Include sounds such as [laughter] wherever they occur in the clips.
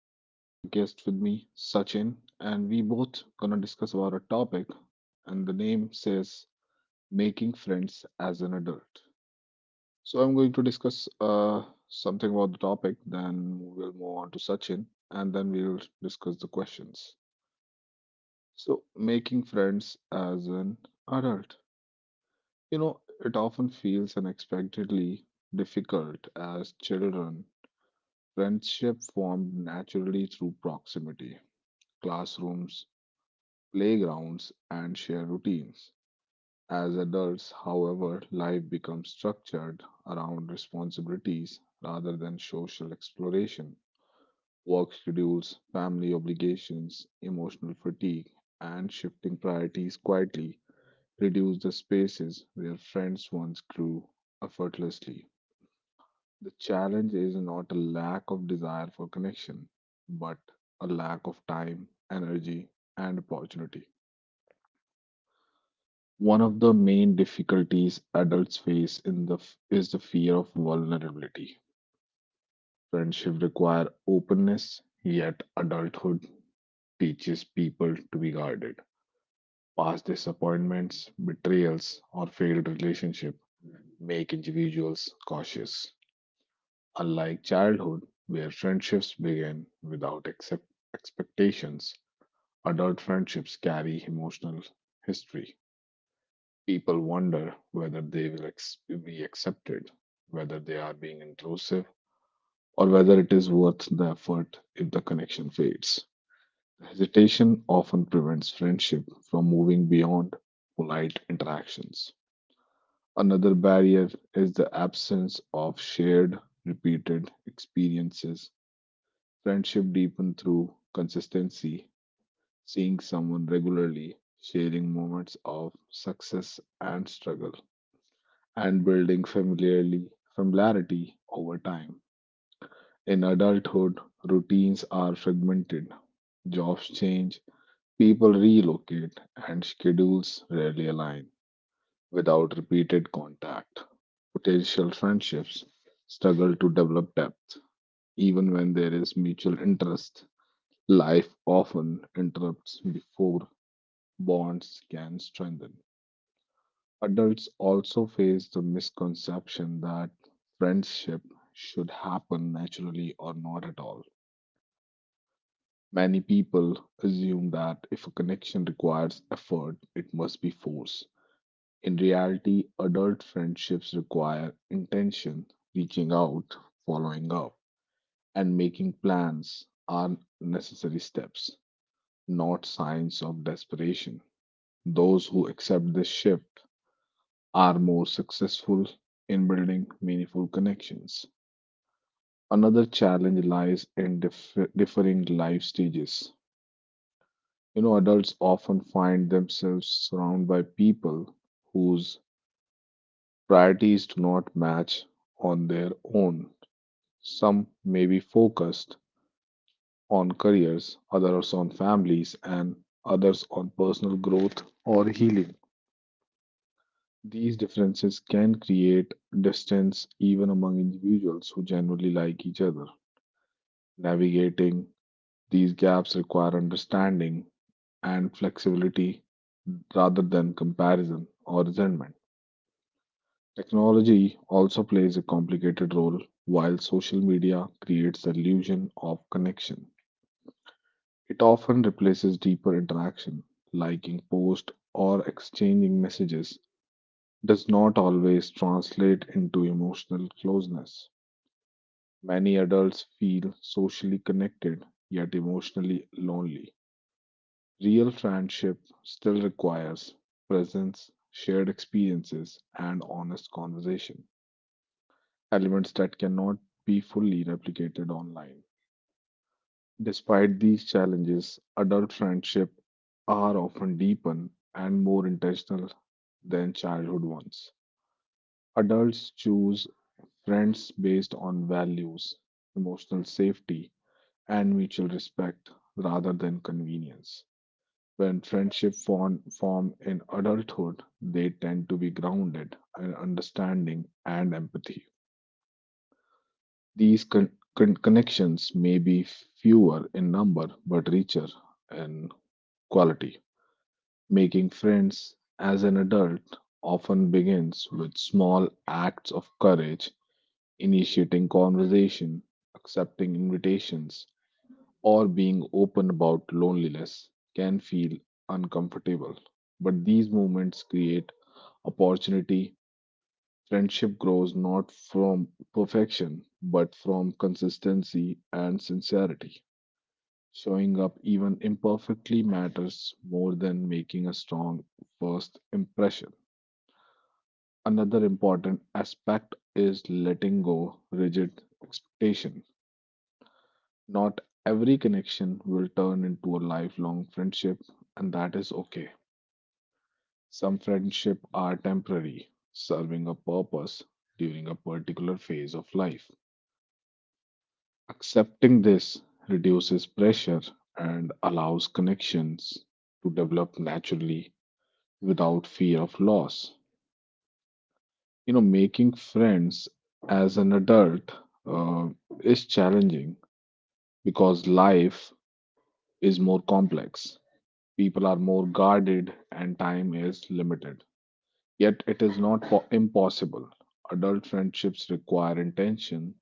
Today, I have a guest with me, Sachin, and we both gonna discuss about a topic, and the name says making friends as an adult. So, I'm going to discuss something about the topic, then we'll move on to Sachin, and then we'll discuss the questions. So, making friends as an adult. You know, it often feels unexpectedly difficult as children. Friendship formed naturally through proximity, classrooms, playgrounds, and shared routines. As adults, however, life becomes structured around responsibilities rather than social exploration. Work schedules, family obligations, emotional fatigue, and shifting priorities quietly reduce the spaces where friends once grew effortlessly. The challenge is not a lack of desire for connection, but a lack of time, energy, and opportunity. One of the main difficulties adults face is the fear of vulnerability. Friendship require openness, yet adulthood teaches people to be guarded. Past disappointments, betrayals, or failed relationship make individuals cautious. Unlike childhood, where friendships begin without expectations, adult friendships carry emotional history. People wonder whether they will be accepted, whether they are being intrusive, or whether it is worth the effort if the connection fades. Hesitation often prevents friendship from moving beyond polite interactions. Another barrier is the absence of shared, repeated experiences. Friendship deepen through consistency, seeing someone regularly, sharing moments of success and struggle, and building familiarly familiarity over time. In adulthood, routines are fragmented, jobs change, people relocate, and schedules rarely align. Without repeated contact, potential friendships struggle to develop depth, even when there is mutual interest. Life often interrupts before bonds can strengthen. Adults also face the misconception that friendship should happen naturally or not at all. Many people assume that if a connection requires effort, it must be forced. In reality, adult friendships require intention, reaching out, following up, and making plans are necessary steps, not signs of desperation. Those who accept this shift are more successful in building meaningful connections. Another challenge lies in differing life stages. You know, adults often find themselves surrounded by people whose priorities do not match on their own. Some may be focused on careers, others on families, and others on personal growth or healing. These differences can create distance even among individuals who generally like each other. Navigating these gaps require understanding and flexibility rather than comparison or resentment. Technology also plays a complicated role while social media creates the illusion of connection. It often replaces deeper interaction, liking posts or exchanging messages does not always translate into emotional closeness. Many adults feel socially connected yet emotionally lonely. Real friendship still requires presence, shared experiences, and honest conversation, elements that cannot be fully replicated online. Despite these challenges, adult friendship are often deeper and more intentional than childhood ones. Adults choose friends based on values, emotional safety, and mutual respect rather than convenience. When friendships form in adulthood, they tend to be grounded in understanding and empathy. These connections may be fewer in number but richer in quality. Making friends as an adult often begins with small acts of courage, initiating conversation, accepting invitations, or being open about loneliness can feel uncomfortable. But these moments create opportunity. Friendship grows not from perfection, but from consistency and sincerity. Showing up even imperfectly matters more than making a strong first impression. Another important aspect is letting go rigid expectations. Not every connection will turn into a lifelong friendship, and that is okay. Some friendships are temporary, serving a purpose during a particular phase of life. Accepting this reduces pressure and allows connections to develop naturally without fear of loss. You know, making friends as an adult uh, is challenging because life is more complex. People are more guarded and time is limited. Yet it is not impossible. Adult friendships require intention,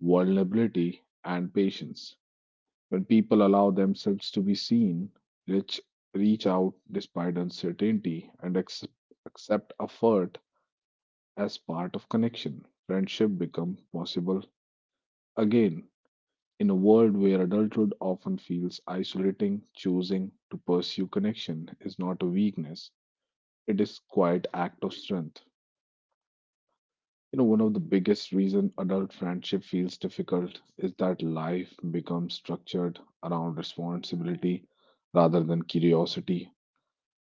vulnerability, and patience. When people allow themselves to be seen, reach, reach out despite uncertainty, and accept effort as part of connection, friendship becomes possible again. In a world where adulthood often feels isolating, choosing to pursue connection is not a weakness, it is quite act of strength. You know, one of the biggest reason adult friendship feels difficult is that life becomes structured around responsibility rather than curiosity.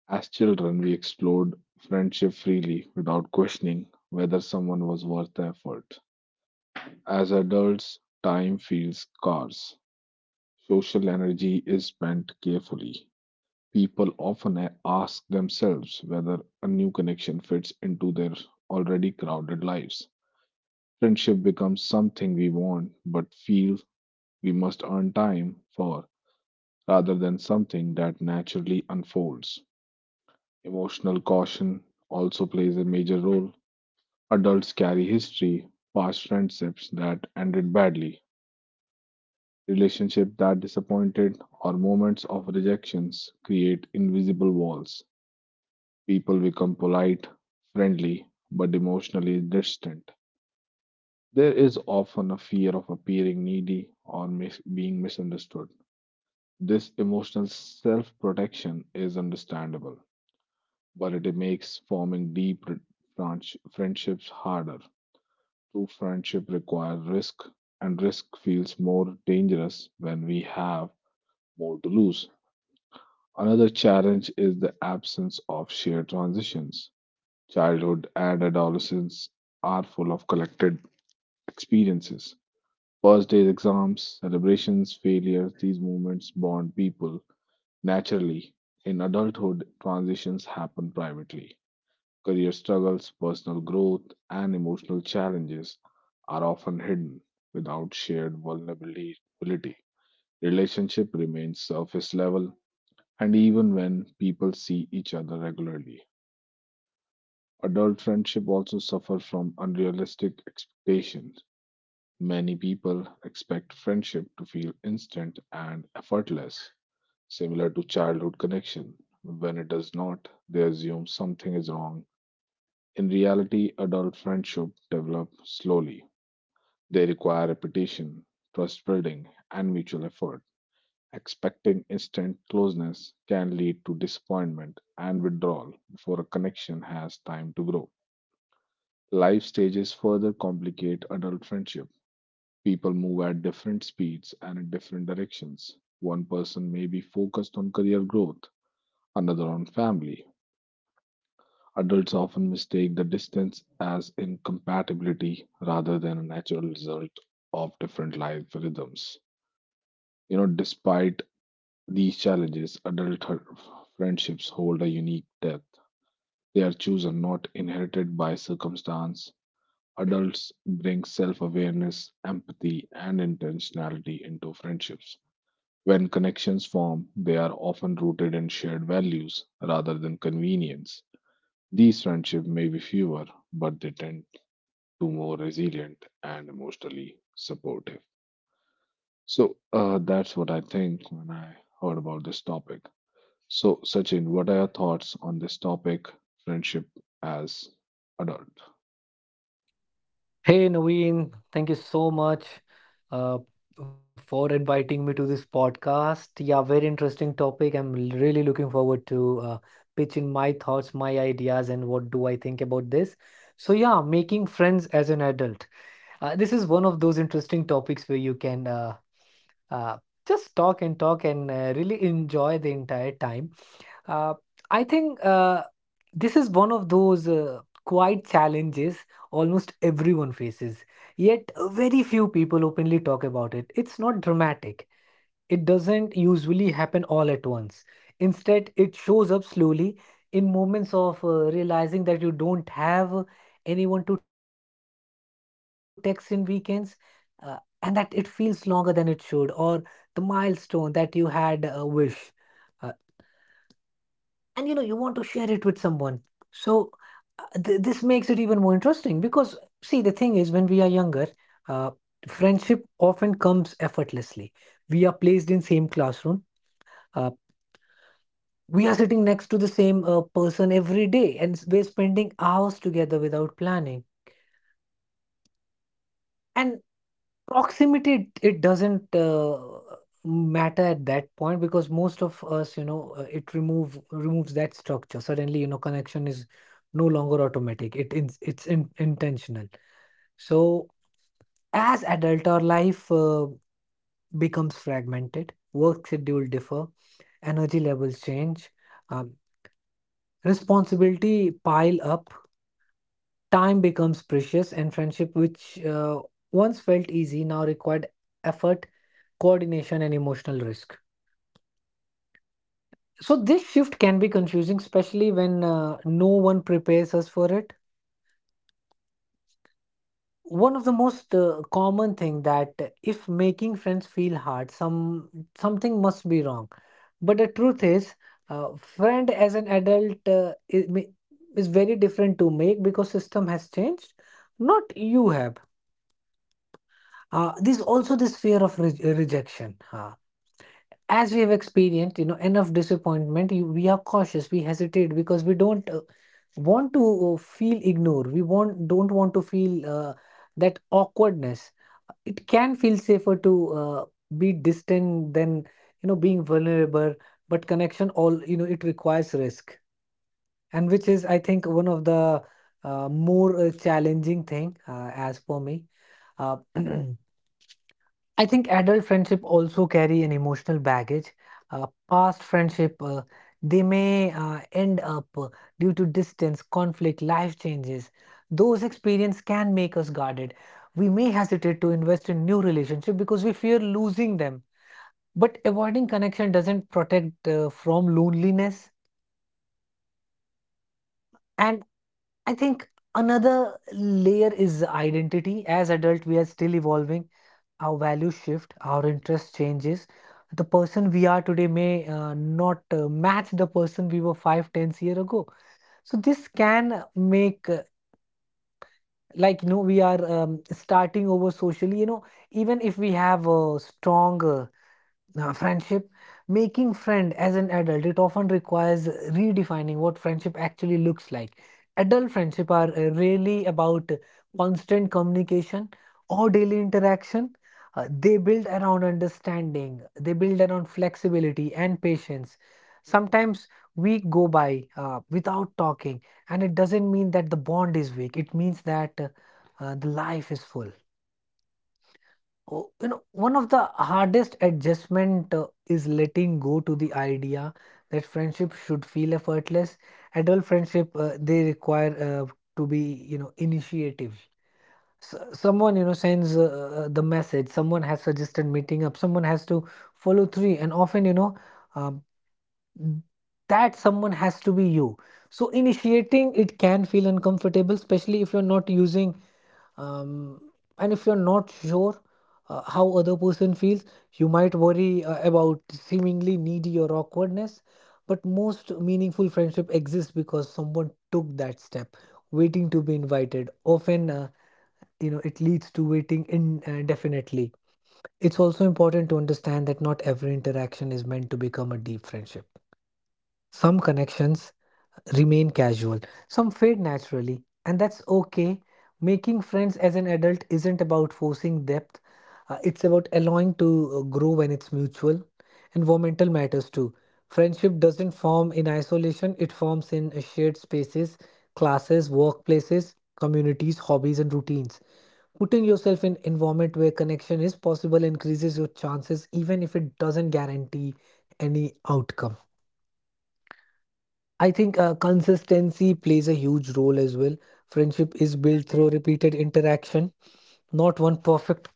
As children, we explored friendship freely without questioning whether someone was worth the effort. As adults, time feels scarce. Social energy is spent carefully. People often ask themselves whether a new connection fits into their already crowded lives. Friendship becomes something we want but feel we must earn time for rather than something that naturally unfolds. Emotional caution also plays a major role. Adults carry history, past friendships that ended badly, relationships that disappointed, or moments of rejections create invisible walls. People become polite, friendly, but emotionally distant. There is often a fear of appearing needy or being misunderstood. This emotional self protection is understandable, but it makes forming deep friendships harder. True friendship requires risk, and risk feels more dangerous when we have more to lose. Another challenge is the absence of shared transitions. Childhood and adolescence are full of collected experiences. First days, exams, celebrations, failures, these moments bond people naturally. In adulthood, transitions happen privately. Career struggles, personal growth, and emotional challenges are often hidden without shared vulnerability. Relationship remains surface level, and even when people see each other regularly, adult friendship also suffer from unrealistic expectations. Many people expect friendship to feel instant and effortless, similar to childhood connection, when it does not, they assume something is wrong. In reality, adult friendship develop slowly. They require repetition, trust building, and mutual effort. Expecting instant closeness can lead to disappointment and withdrawal before a connection has time to grow. Life stages further complicate adult friendship. People move at different speeds and in different directions. One person may be focused on career growth, another on family. Adults often mistake the distance as incompatibility rather than a natural result of different life rhythms. You know, despite these challenges, adult friendships hold a unique depth. They are chosen, not inherited by circumstance. Adults bring self awareness, empathy, and intentionality into friendships. When connections form, they are often rooted in shared values rather than convenience. These friendships may be fewer, but they tend to more resilient and emotionally supportive. So that's what I think when I heard about this topic. So, Sachin, what are your thoughts on this topic, friendship as adult? Hey Naveen, thank you so much uh, for inviting me to this podcast. Yeah, very interesting topic. I'm really looking forward to pitching my thoughts, my ideas, and what do I think about this. So yeah, making friends as an adult. This is one of those interesting topics where you can uh, just talk and talk and really enjoy the entire time. Uh, I think this is one of those quiet challenges almost everyone faces, yet very few people openly talk about it. It's not dramatic, it doesn't usually happen all at once. Instead, it shows up slowly in moments of realizing that you don't have anyone to text in weekends. Uh, and that it feels longer than it should, or the milestone that you had wish. Uh, and you know you want to share it with someone, so this makes it even more interesting because, see, the thing is when we are younger, uh, friendship often comes effortlessly. We are placed in same classroom. Uh, we are sitting next to the same person every day, and we're spending hours together without planning. And proximity, it doesn't matter at that point because most of us, it removes that structure. Suddenly, connection is no longer automatic. It's intentional. So, as adult, our life becomes fragmented. Work schedule differ, energy levels change, um, responsibility pile up. Time becomes precious, and friendship, which once felt easy, now required effort, coordination, and emotional risk. So, this shift can be confusing, especially when no one prepares us for it. One of the most common thing that if making friends feel hard, something must be wrong. But the truth is, friend as an adult is very different to make because system has changed, not you have. There's also this fear of rejection. As we have experienced, you know, enough disappointment, we are cautious, we hesitate because we don't want to feel ignored. We want don't want to feel that awkwardness. It can feel safer to be distant than being vulnerable. But connection, all it requires risk, and which is, I think, one of the more challenging thing as for me. Uh, [clears throat] I think adult friendship also carry an emotional baggage. Past friendship, they may end up due to distance, conflict, life changes. Those experiences can make us guarded. We may hesitate to invest in new relationship because we fear losing them. But avoiding connection doesn't protect from loneliness. And I think another layer is identity. As adult, we are still evolving. Our values shift, our interest changes. The person we are today may not match the person we were five, 10 years ago. So this can make like we are starting over socially. You know, even if we have a strong now, friendship, making friend as an adult, it often requires redefining what friendship actually looks like. Adult friendship are really about constant communication or daily interaction. They build around understanding, they build around flexibility and patience. Sometimes we go by without talking, and it doesn't mean that the bond is weak. It means that the life is full. Oh, one of the hardest adjustment is letting go to the idea that friendship should feel effortless. Adult friendship, they require to be initiative. S Someone sends the message. Someone has suggested meeting up. Someone has to follow through, and often um, that someone has to be you. So initiating it can feel uncomfortable, especially if you're not using, um, and if you're not sure how other person feels. You might worry about seemingly needy or awkwardness, but most meaningful friendship exists because someone took that step. Waiting to be invited often, it leads to waiting indefinitely. It's also important to understand that not every interaction is meant to become a deep friendship. Some connections remain casual, some fade naturally, and that's okay. Making friends as an adult isn't about forcing depth. It's about allowing to grow when it's mutual. Environmental matters too. Friendship doesn't form in isolation, it forms in shared spaces, classes, workplaces, communities, hobbies, and routines. Putting yourself in environment where connection is possible increases your chances even if it doesn't guarantee any outcome. I think consistency plays a huge role as well. Friendship is built through repeated interaction, not one perfect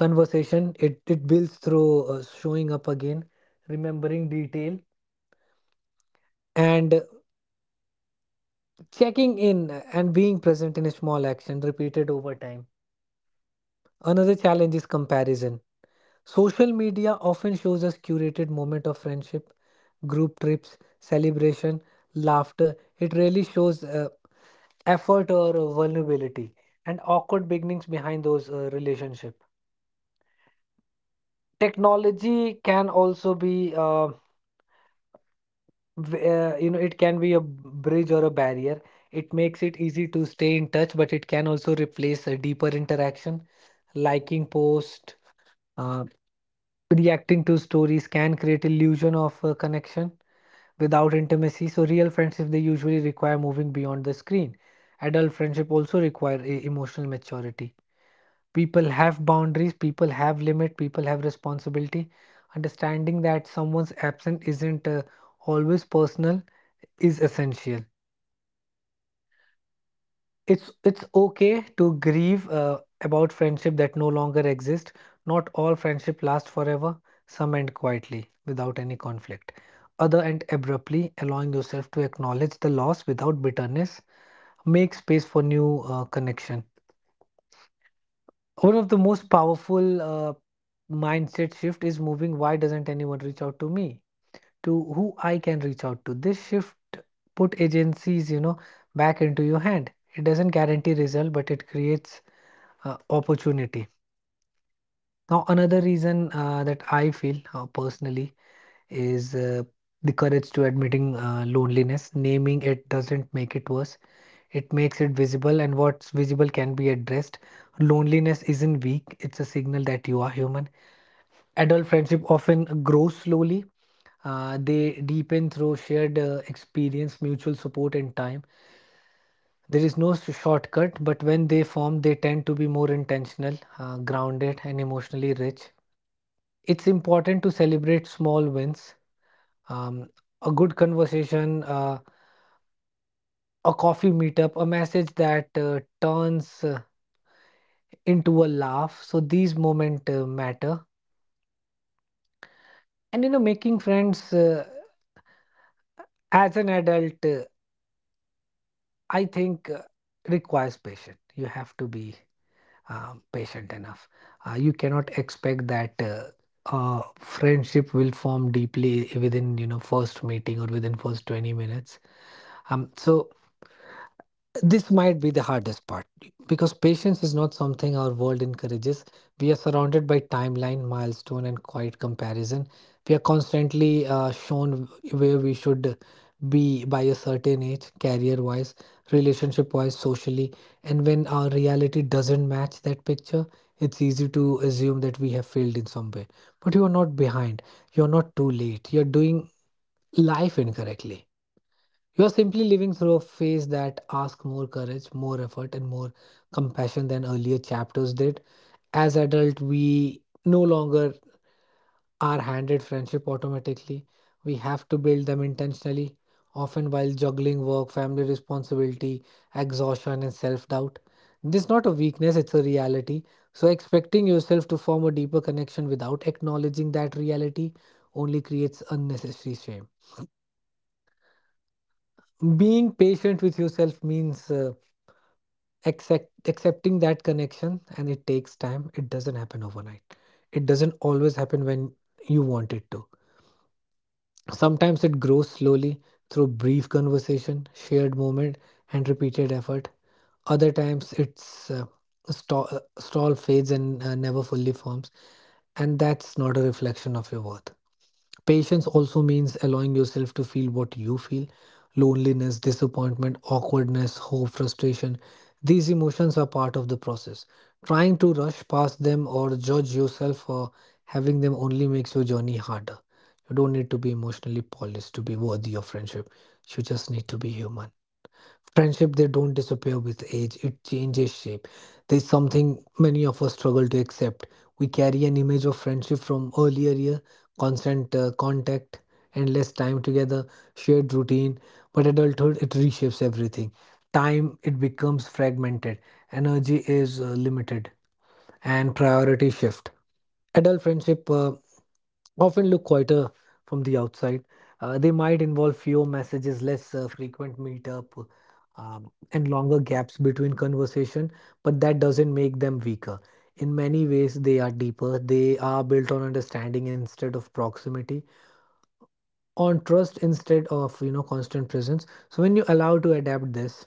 conversation. It builds through showing up again, remembering detail, and checking in and being present in a small action repeated over time. Another challenge is comparison. Social media often shows us curated moment of friendship, group trips, celebration, laughter. It really shows. Effort or vulnerability and awkward beginnings behind those relationship, technology can also be v- you know it can be a bridge or a barrier. It makes it easy to stay in touch, but it can also replace a deeper interaction, liking post, uh, reacting to stories can create illusion of connection without intimacy. So real friendships they usually require moving beyond the screen. Adult friendship also require emotional maturity. People have boundaries, people have limit, people have responsibility. Understanding that someone's absence isn't always personal is essential. It's okay to grieve about friendship that no longer exist. Not all friendship last forever. Some end quietly without any conflict, other end abruptly. Allowing yourself to acknowledge the loss without bitterness make space for new connection. One of the most powerful mindset shift is moving why doesn't anyone reach out to me? To who I can reach out to. This shift put agencies, you know, back into your hand. It doesn't guarantee result, but it creates opportunity. Now, another reason that I feel personally is the courage to admitting loneliness. Naming it doesn't make it worse. It makes it visible, and what's visible can be addressed. Loneliness isn't weak, it's a signal that you are human. Adult friendship often grows slowly. They deepen through shared experience, mutual support, and time. There is no shortcut, but when they form, they tend to be more intentional, grounded, and emotionally rich. It's important to celebrate small wins. Um, a good conversation, a coffee meetup, a message that turns into a laugh. So these moments matter. And making friends as an adult, I think requires patience. You have to be patient enough. You cannot expect that friendship will form deeply within first meeting or within first 20 minutes. So this might be the hardest part because patience is not something our world encourages. We are surrounded by timeline, milestone, and quiet comparison. We are constantly shown where we should be by a certain age, career wise, relationship wise, socially. And when our reality doesn't match that picture, it's easy to assume that we have failed in some way. But you are not behind, you're not too late, you're doing life incorrectly. You are simply living through a phase that asks more courage, more effort, and more compassion than earlier chapters did. As adults, we no longer are handed friendship automatically. We have to build them intentionally, often while juggling work, family responsibility, exhaustion, and self doubt. This is not a weakness, it's a reality. So, expecting yourself to form a deeper connection without acknowledging that reality only creates unnecessary shame. Being patient with yourself means accepting that connection and it takes time. It doesn't happen overnight, it doesn't always happen when you want it to. Sometimes it grows slowly through brief conversation, shared moment, and repeated effort. Other times it's stall fades and never fully forms, and that's not a reflection of your worth. Patience also means allowing yourself to feel what you feel: loneliness, disappointment, awkwardness, hope, frustration. These emotions are part of the process. Trying to rush past them or judge yourself for having them only makes your journey harder. You don't need to be emotionally polished to be worthy of friendship. You just need to be human. Friendship they don't disappear with age, it changes shape. There's something many of us struggle to accept. We carry an image of friendship from earlier year: constant contact, endless time together, shared routine. But adulthood it reshapes everything. Time it becomes fragmented, energy is limited, and priority shift. Adult friendship often look quieter from the outside. They might involve fewer messages, less frequent meetup, and longer gaps between conversation, but that doesn't make them weaker. In many ways, they are deeper. They are built on understanding instead of proximity, on trust instead of constant presence. So when you allow to adapt this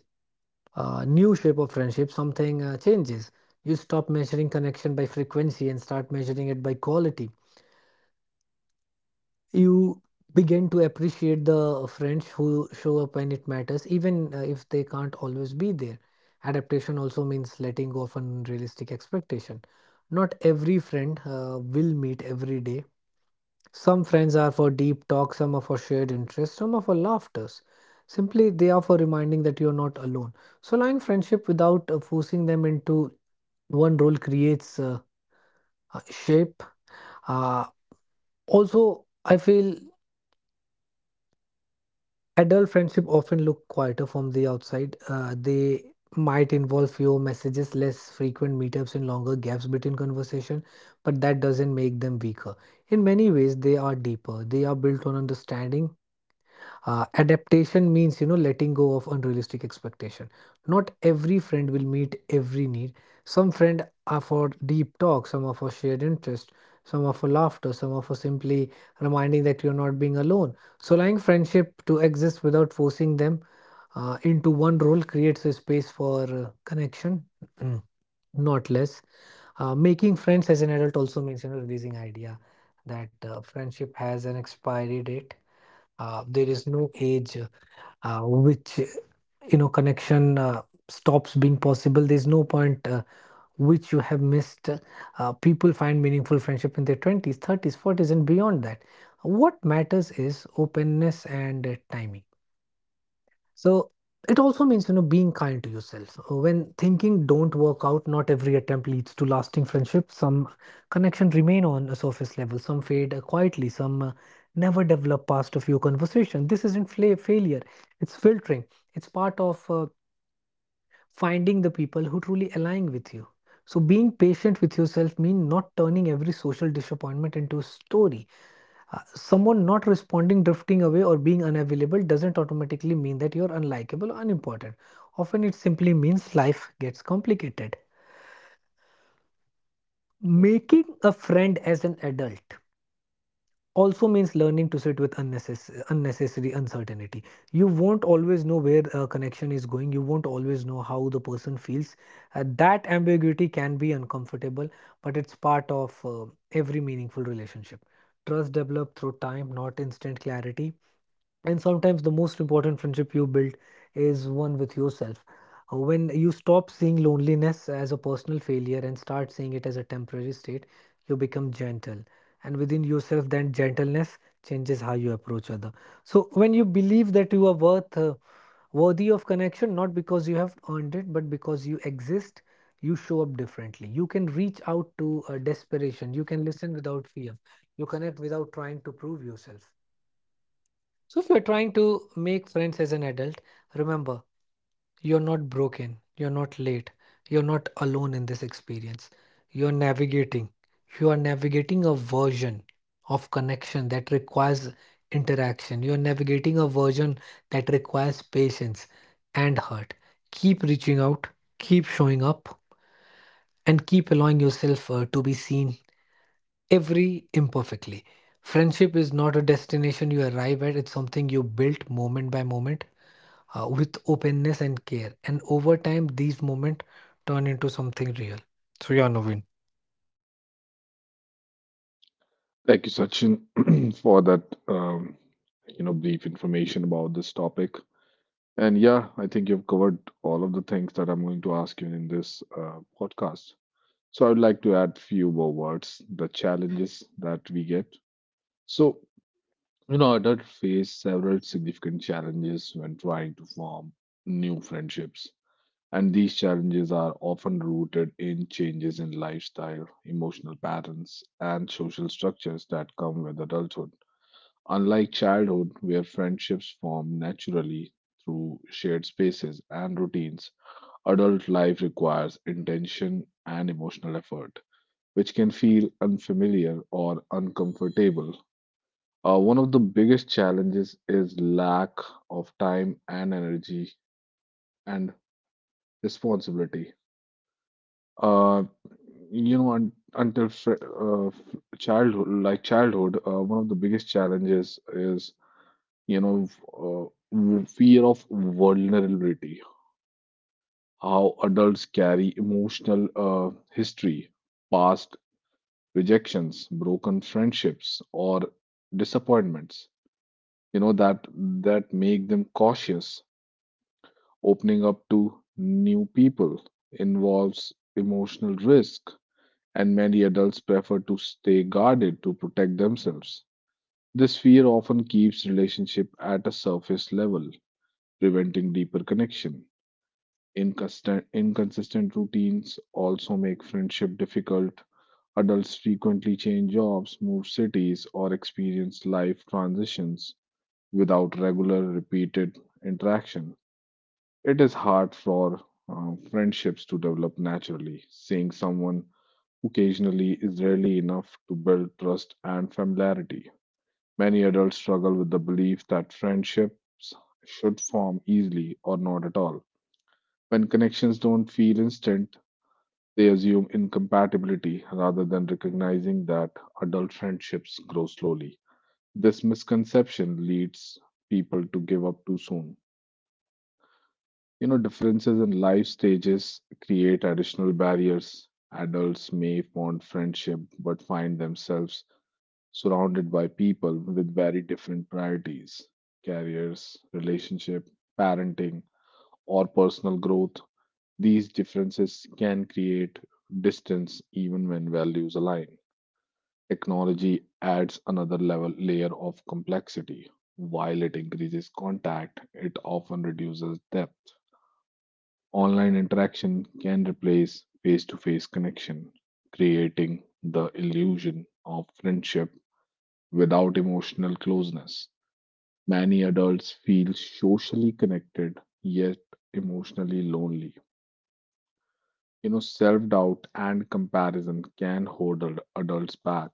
new shape of friendship, something changes. You stop measuring connection by frequency and start measuring it by quality. You begin to appreciate the friends who show up when it matters, even if they can't always be there. Adaptation also means letting go of unrealistic expectation. Not every friend will meet every day. Some friends are for deep talk, some are for shared interests, some are for laughters. Simply, they are for reminding that you're not alone. So, allowing friendship without forcing them into one role creates a shape. Uh, Also, I feel adult friendship often look quieter from the outside. They might involve fewer messages, less frequent meetups, and longer gaps between conversation, but that doesn't make them weaker. In many ways, they are deeper. They are built on understanding. Adaptation means letting go of unrealistic expectation. Not every friend will meet every need. Some friend are for deep talk, some are for shared interest, some are for laughter, some are for simply reminding that you're not being alone. So allowing friendship to exist without forcing them into one role creates a space for connection, [clears throat] not less. Making friends as an adult also means releasing idea that friendship has an expiry date. There is no age which connection stops being possible. There's no point which you have missed. People find meaningful friendship in their 20s 30s 40s and beyond that. What matters is openness and timing. So it also means, being kind to yourself. When thinking don't work out, not every attempt leads to lasting friendship. Some connection remain on a surface level, some fade quietly, some never develop past a few conversations. This isn't failure, it's filtering. It's part of finding the people who truly align with you. So being patient with yourself means not turning every social disappointment into a story. Someone not responding, drifting away, or being unavailable doesn't automatically mean that you're unlikable or unimportant. Often it simply means life gets complicated. Making a friend as an adult also means learning to sit with unnecessary uncertainty. You won't always know where a connection is going, you won't always know how the person feels. That ambiguity can be uncomfortable, but it's part of every meaningful relationship. Trust developed through time, not instant clarity. And sometimes the most important friendship you build is one with yourself. When you stop seeing loneliness as a personal failure and start seeing it as a temporary state, you become gentle. And within yourself, then gentleness changes how you approach other. So when you believe that you are worthy of connection, not because you have earned it, but because you exist, you show up differently. You can reach out to desperation. You can listen without fear. You connect without trying to prove yourself. So if you're trying to make friends as an adult, remember, you're not broken, you're not late, you're not alone in this experience. You're navigating, you are navigating a version of connection that requires interaction. You're navigating a version that requires patience and hurt. Keep reaching out, keep showing up, and keep allowing yourself to be seen every imperfectly. Friendship is not a destination you arrive at, it's something you built moment by moment with openness and care. And over time, these moments turn into something real. So, yeah, Naveen. Thank you, Sachin, [clears throat] for that um, you know brief information about this topic. And yeah, I think you've covered all of the things that I'm going to ask you in this podcast. So I would like to add few more words, the challenges that we get. So you know, adults face several significant challenges when trying to form new friendships, and these challenges are often rooted in changes in lifestyle, emotional patterns, and social structures that come with adulthood. Unlike childhood, where friendships form naturally through shared spaces and routines, adult life requires intention and emotional effort, which can feel unfamiliar or uncomfortable. One of the biggest challenges is lack of time and energy and responsibility. Uh, you know, un until fr- f- childhood, like childhood, one of the biggest challenges is, you know, fear of vulnerability. How adults carry emotional history, past rejections, broken friendships, or disappointments. You know that make them cautious. Opening up to new people involves emotional risk, and many adults prefer to stay guarded to protect themselves. This fear often keeps relationship at a surface level, preventing deeper connection. Inconsistent routines also make friendship difficult. Adults frequently change jobs, move cities, or experience life transitions without regular repeated interaction. It is hard for friendships to develop naturally. Seeing someone occasionally is rarely enough to build trust and familiarity. Many adults struggle with the belief that friendships should form easily or not at all. When connections don't feel instant, they assume incompatibility rather than recognizing that adult friendships grow slowly. This misconception leads people to give up too soon. You know, differences in life stages create additional barriers. Adults may fond friendship but find themselves surrounded by people with very different priorities, careers, relationship, parenting, or personal growth. These differences can create distance even when values align. Technology adds another level layer of complexity. While it increases contact, it often reduces depth. Online interaction can replace face to face connection, creating the illusion of friendship without emotional closeness. Many adults feel socially connected yet emotionally lonely. You know, self doubt and comparison can hold adults back.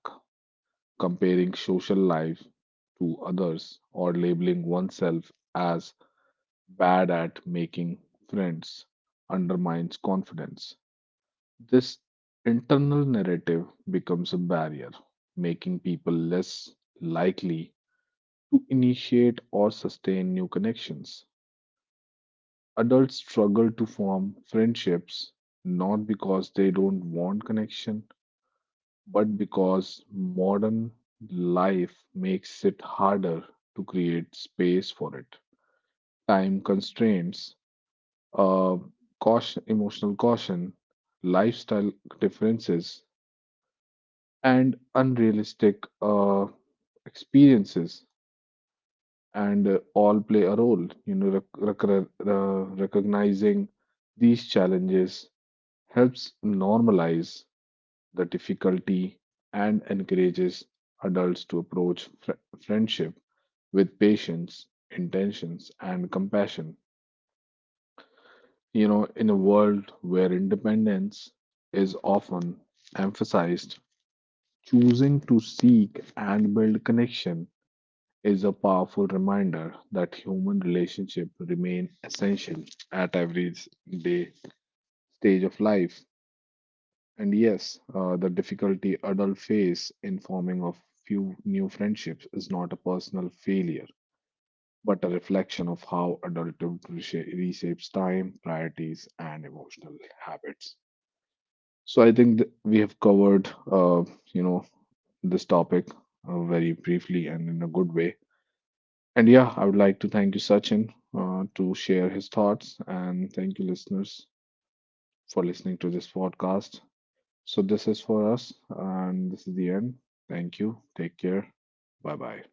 Comparing social life to others or labeling oneself as bad at making friends undermines confidence. This internal narrative becomes a barrier, making people less likely to initiate or sustain new connections. Adults struggle to form friendships not because they don't want connection, but because modern life makes it harder to create space for it. Time constraints, uh, caution, emotional caution, lifestyle differences, and unrealistic experiences, and all play a role. You know, recognizing these challenges helps normalize the difficulty and encourages adults to approach friendship with patience, intentions, and compassion. You know, in a world where independence is often emphasized, choosing to seek and build connection is a powerful reminder that human relationships remain essential at every day stage of life. And yes, the difficulty adults face in forming of few new friendships is not a personal failure, but a reflection of how adulthood reshapes time, priorities, and emotional habits. So I think we have covered, you know, this topic very briefly and in a good way. And yeah, I would like to thank you, Sachin, to share his thoughts, and thank you, listeners, for listening to this podcast. So, this is for us, and this is the end. Thank you. Take care. Bye bye.